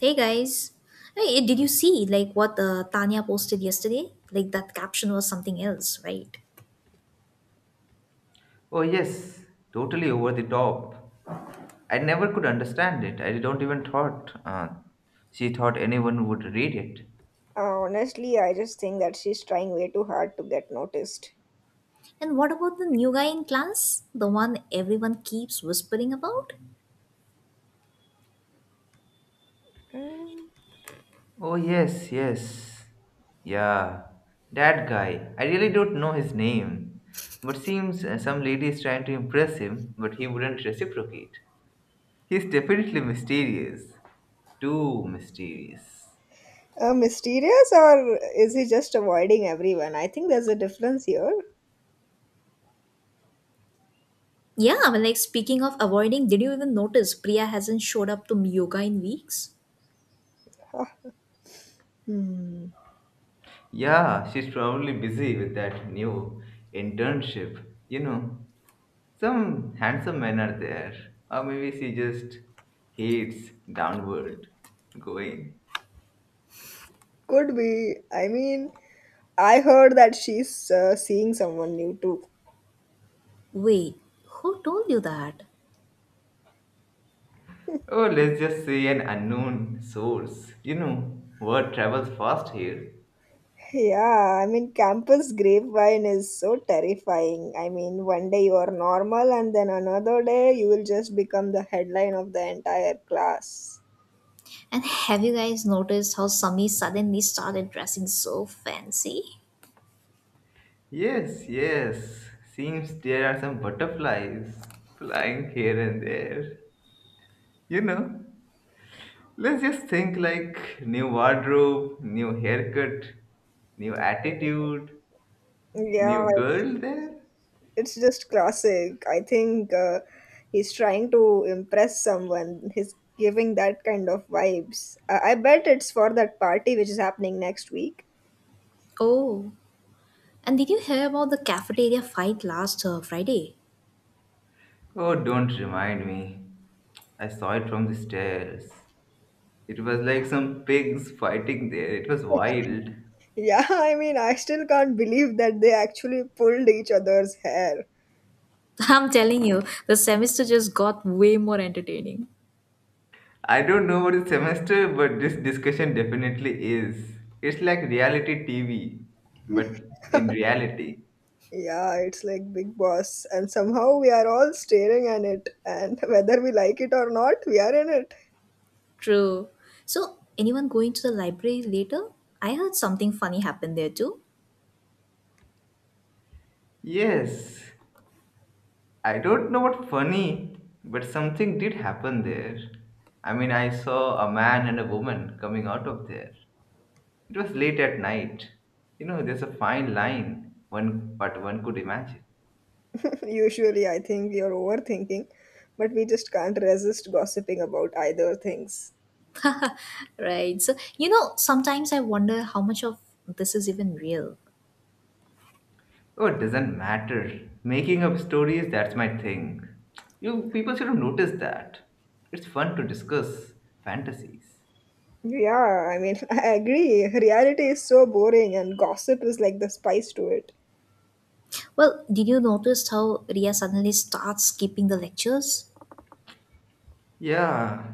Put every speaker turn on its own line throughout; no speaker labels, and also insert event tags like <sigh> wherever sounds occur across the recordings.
Hey guys, hey, did you see like what Tanya posted yesterday? Like that caption was something else, right?
Oh, yes, totally over the top. I never could understand it. I don't even thought she thought anyone would read it.
Honestly, I just think that she's trying way too hard to get noticed.
And what about the new guy in class? The one everyone keeps whispering about?
Mm.
Oh, yes, yes. Yeah, that guy. I really don't know his name. But seems some lady is trying to impress him, but he wouldn't reciprocate. He's definitely mysterious. Too mysterious.
Mysterious, or is he just avoiding everyone? I think there's a difference here.
Yeah, well, like speaking of avoiding, did you even notice Priya hasn't showed up to yoga in weeks?
Huh. Hmm.
Yeah, she's probably busy with that new internship, you know. Some handsome men are there, or maybe she just hates downward going.
Could be. I mean, I heard that she's seeing someone new too.
Wait, who told you that?
Oh, let's just say an unknown source. You know, word travels fast here.
Yeah, I mean, campus grapevine is so terrifying. I mean, one day you are normal, and then another day you will just become the headline of the entire class.
And have you guys noticed how Sami suddenly started dressing so fancy?
Yes, yes, seems there are some butterflies flying here and there. You know, let's just think like new wardrobe, new haircut, new attitude,
Yeah,
new
it's,
girl there.
it's just classic. I think he's trying to impress someone. He's giving that kind of vibes. I bet it's for that party which is happening next week.
Oh, and did you hear about the cafeteria fight last Friday?
Oh, don't remind me. I saw it from the stairs. It was like some pigs fighting there. It was wild.
Yeah, <laughs> I mean, I still can't believe that they actually pulled each other's hair.
<laughs> I'm telling you, the semester just got way more entertaining.
I don't know what is semester, but this discussion definitely is. It's like reality TV, but in reality.
Yeah, it's like Big Boss, and somehow we are all staring at it, and <laughs> whether we like it or not, we are in it.
True. So, anyone going to the library later? I heard something funny happened there too.
Yes, I don't know what funny, but something did happen there. I mean, I saw a man and a woman coming out of there. It was late at night. You know, there's a fine line one but one could imagine.
Usually, I think you're overthinking, but we just can't resist gossiping about either things.
Right. So, you know, sometimes I wonder how much of this is even real.
Oh, it doesn't matter. Making up stories, that's my thing. You people should have noticed that. It's fun to discuss fantasies.
Yeah, I mean, <laughs> I agree. Reality is so boring, and gossip is like the spice to it.
Well, did you notice how Ria suddenly starts skipping the lectures?
Yeah,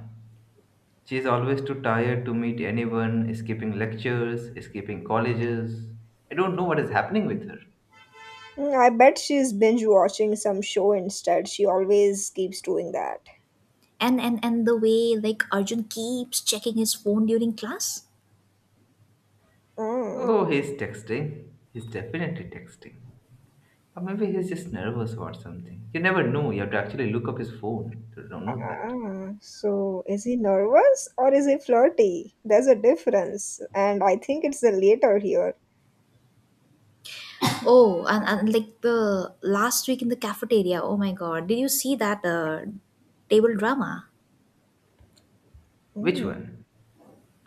she's always too tired to meet anyone, escaping lectures, escaping colleges. I don't know what is happening with her.
Mm, I bet she's binge watching some show instead. She always keeps doing that.
And the way like Arjun keeps checking his phone during class?
Oh,
Oh, he's texting. He's definitely texting. Or maybe he's just nervous about something. You never know. You have to actually look up his phone to know that.
ah, so is he nervous or is he flirty? There's a difference, and I think it's the later here.
Oh, and like the last week in the cafeteria. Oh my god. Did you see that table drama?
Which
Mm.
one?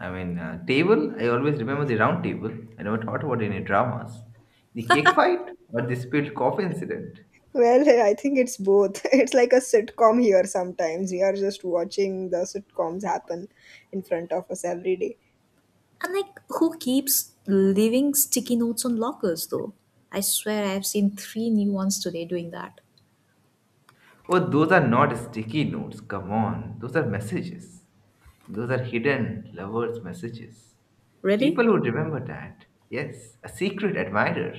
I mean, table, I always remember the round table. I never thought about any dramas. The cake fight or the spilled coffee incident.
Well, <laughs> I think it's both. <laughs> It's like a sitcom here sometimes. We are just watching the sitcoms happen in front of us every day.
And like, who keeps leaving sticky notes on lockers though? I swear I've seen three new ones today doing that.
Oh, those are not sticky notes. Come on. Those are messages. Those are hidden lovers' messages.
Really?
People would remember that. Yes, a secret admirer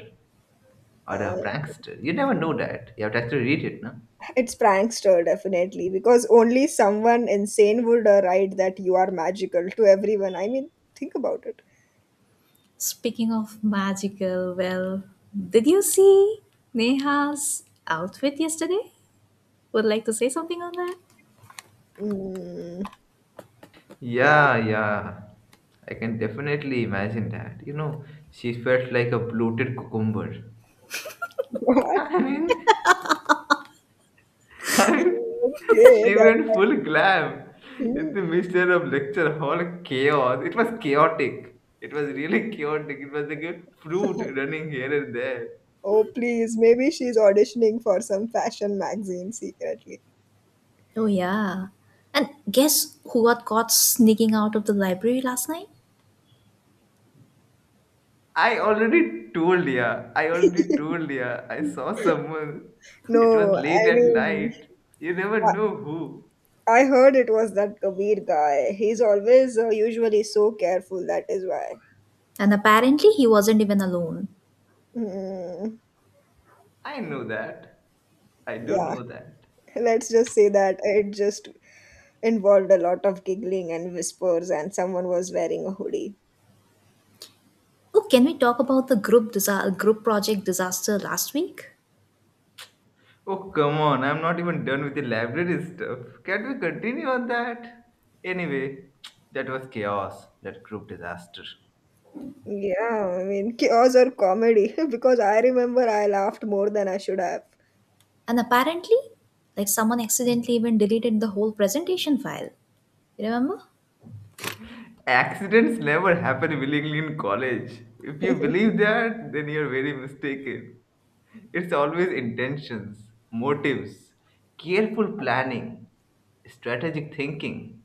or
Uh,
a prankster. You never know that. You have to actually read it, no?
it's prankster, definitely, because only someone insane would write that you are magical to everyone. I mean, think about it.
Speaking of magical, well, did you see Neha's outfit yesterday? Would like to say something on that?
Mm, yeah.
Yeah, yeah. I can definitely imagine that. You know, she felt like a bloated cucumber.
<laughs> What?
I mean, <laughs> Time,
Okay.
she
That,
went full glam in
hmm.
the midst of lecture hall chaos. It was chaotic. It was really chaotic. It was like a fruit running here and there.
Oh, please. Maybe she's auditioning for some fashion magazine secretly.
Oh, yeah. And guess who got caught sneaking out of the library last night?
I already told ya. I already told ya. I saw someone. It was
No,
late
I
at
mean,
night. You never know who.
I heard it was that Kabir guy. He's always usually so careful, that is why.
And apparently he wasn't even alone.
Mm,
I know that. I do
yeah,
know that.
let's just say that it just involved a lot of giggling and whispers, and someone was wearing a hoodie.
Oh, can we talk about the group project disaster last week?
Oh, come on. I'm not even done with the library stuff. Can we continue on that? Anyway, <tsk> that was chaos, that group disaster.
Yeah, I mean, chaos or comedy, <laughs> because I remember I laughed more than I should have.
And apparently, like someone accidentally even deleted the whole presentation file. You remember?
Accidents never happen willingly in college. If you
<laughs>
believe that, then you're very mistaken. It's always intentions, motives, careful planning, strategic thinking.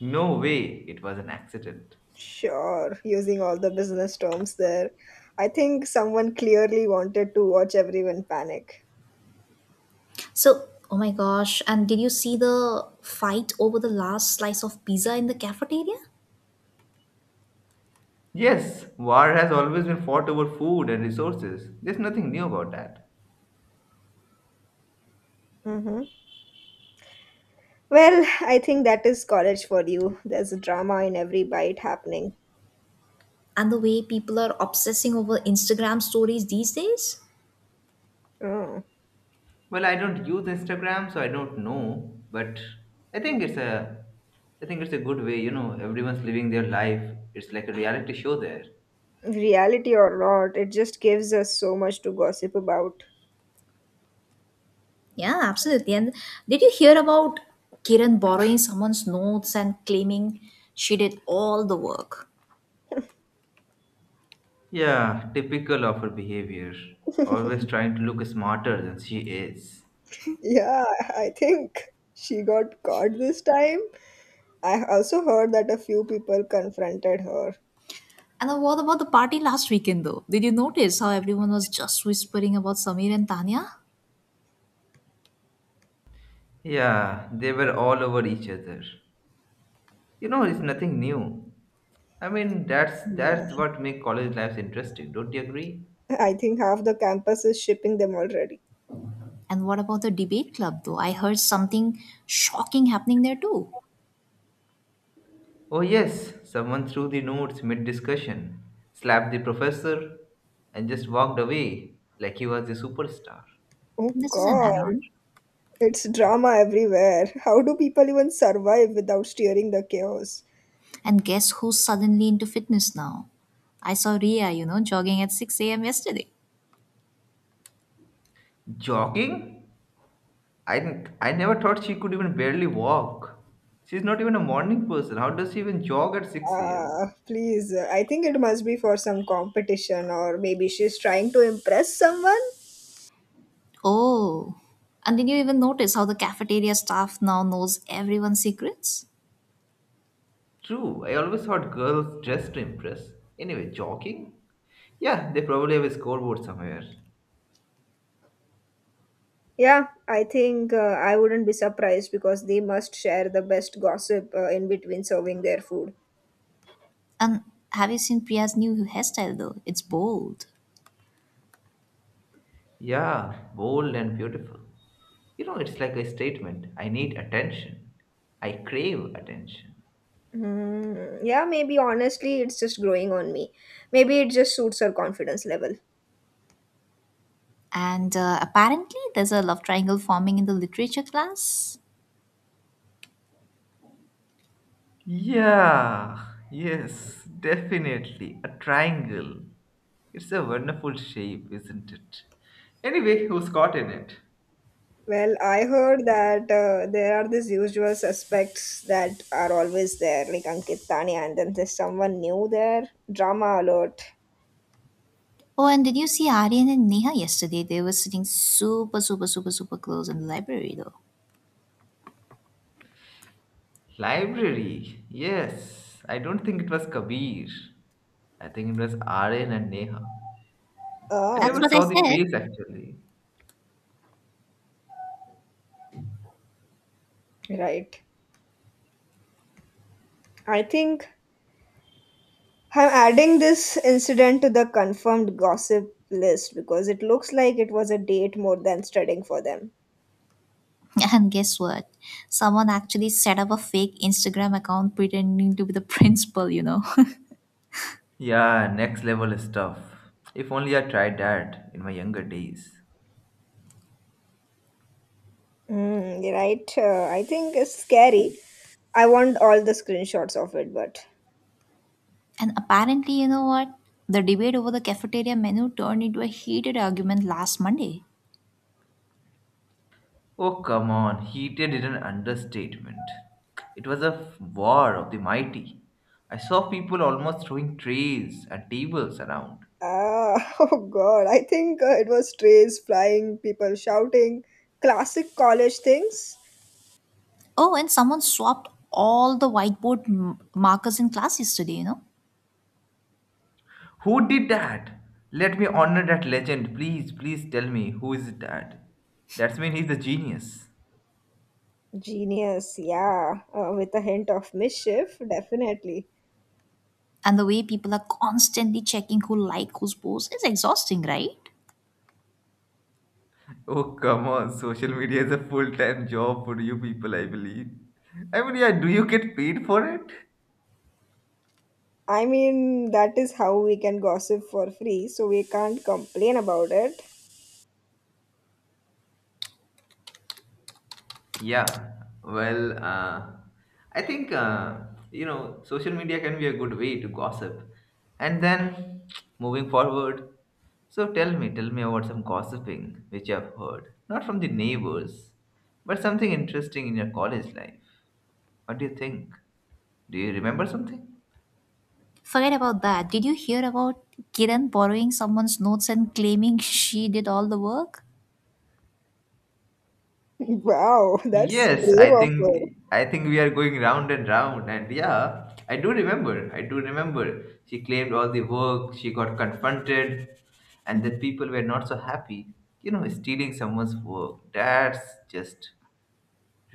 No way it was an accident.
Sure, using all the business terms there. I think someone clearly wanted to watch everyone panic.
So, oh my gosh, and did you see the fight over the last slice of pizza in the cafeteria?
Yes, war has always been fought over food and resources. There's nothing new about that.
Mhm. Well, I think that is college for you. There's drama in every bite happening.
And the way people are obsessing over Instagram stories these days?
Mm.
Well, I don't use Instagram, so I don't know. But I think it's a, I think it's a good way. You know, everyone's living their life. It's like a reality show there.
Reality or not, it just gives us so much to gossip about.
Yeah, absolutely. And did you hear about Kiran borrowing someone's notes and claiming she did all the work?
Yeah, typical of her behavior. Always trying to look smarter than she is.
Yeah, <laughs> I think she got caught this time. I also heard that a few people confronted her.
And then what about the party last weekend though? Did you notice how everyone was just whispering about Samir and Tanya?
Yeah, they were all over each other. You know, it's nothing new. I mean, that's
Hmm.
what make college lives interesting. Don't you agree?
I think half the campus is shipping them already.
And what about the debate club, though? I heard something shocking happening there, too.
Oh, yes, someone threw the notes mid discussion, slapped the professor, and just walked away like he was a superstar.
Oh
This is an add
God,
on.
it's drama everywhere. How do people even survive without steering the chaos?
And guess who's suddenly into fitness now? I saw Ria, you know, jogging at 6 a.m. yesterday.
Jogging? I never thought she could even barely walk. She's not even a morning person. How does she even jog at 6 a.m.?
Please, I think it must be for some competition, or maybe she's trying to impress someone.
Oh. And did you even notice how the cafeteria staff now knows everyone's secrets?
True, I always thought girls dress to impress. Anyway, jogging? Yeah, they probably have a scoreboard somewhere.
Yeah, I think I wouldn't be surprised because they must share the best gossip in between serving their food.
And have you seen Priya's new hairstyle, though? It's bold.
Yeah, bold and beautiful. You know, it's like a statement I need attention, I crave attention.
Hmm. Yeah, maybe honestly, it's just growing on me. Maybe it just suits her confidence level.
And apparently, there's a love triangle forming in the literature class.
Yeah, yes, definitely. A triangle. It's a wonderful shape, isn't it? Anyway, who's caught in it?
Well, I heard that there are these usual suspects that are always there, like Ankit Tanya, and then there's someone new there. Drama alert.
Oh, and did you see Aryan and Neha yesterday? They were sitting super, super, super, super close in the library, though.
Library. Yes, I don't think it was Kabir. I think it was Aryan and Neha. I
That's
never
Ah,
what I
saw the
said.
face actually.
right. I think I'm adding this incident to the confirmed gossip list because it looks like it was a date more than studying for them.
<laughs> And guess what? Someone actually set up a fake Instagram account pretending to be the <laughs> principal, you know. <laughs>
Yeah, next level stuff. If only I tried that in my younger days.
Mm, you're right. I think it's scary. I want all the screenshots of it, but.
And apparently, you know what? The debate over the cafeteria menu turned into a heated argument last Monday.
Oh, come on, heated is an understatement. It was a war of the mighty. I saw people almost throwing trays and tables around.
<laughs> Oh god, I think it was trays flying, people shouting, classic college things.
Oh, and someone swapped all the markers in class yesterday, you know.
Who did that? Let me honor that legend. Please, please tell me who is that? That's mean he's a genius.
Genius, yeah, with a hint of mischief, definitely.
And the way people are constantly checking who like whose post is exhausting, right?
Oh, come on, social media is a full time job for you people, I believe. I mean, yeah, do you get paid for it?
I mean, that is how we can gossip for free, so we can't complain about it.
Yeah, well, I think you know social media can be a good way to gossip. And then <tsk> moving forward, so tell me about some gossiping which I've heard, not from the neighbors, but something interesting in your college life. What do you think? Do you remember something?
Forget about that. Did you hear about Kiran borrowing someone's notes and claiming <laughs> she did all the work?
<laughs> Wow, that's
Yes,
brave
I
of her.
think I think we are going round and round and yeah, I do remember. I do remember. She claimed all the work, she got confronted, and then people were not so happy. You know, stealing someone's work, that's just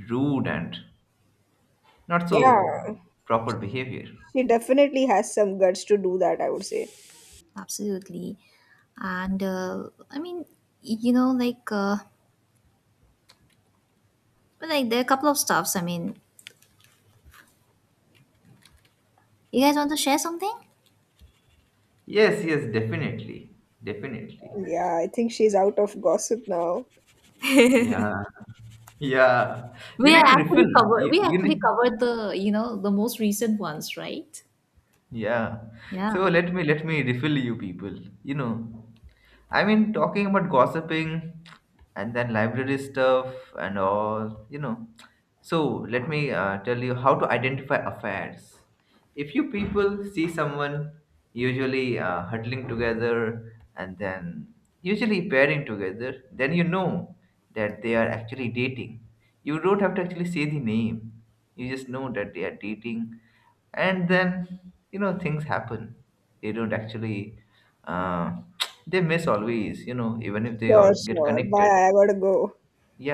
rude and not
Yeah,
so proper behavior.
she definitely has some guts to do that, I would say.
Absolutely. And I mean, you know, like there are a couple of stuffs. I mean, you guys want to share something?
Yes, yes, definitely. Definitely.
Yeah, I think she's out of gossip now.
Yeah. Yeah. You
We are
need to refill.
actually covered.
You,
We
you
actually
need.
covered the, you know, the most recent ones, right?
Yeah. So
Yeah.
let me refill you people. You know, I mean talking about gossiping and then library stuff and all, you know. So let me tell you how to identify affairs. If you people see someone usually huddling together and then usually pairing together, then you know that they are actually dating. You don't have to actually say the name. You just know that they are dating and then you know things happen they don't actually uh, <tsk> they miss always you know even if they
Sure,
all get
sure.
connected
Bye, I gotta go.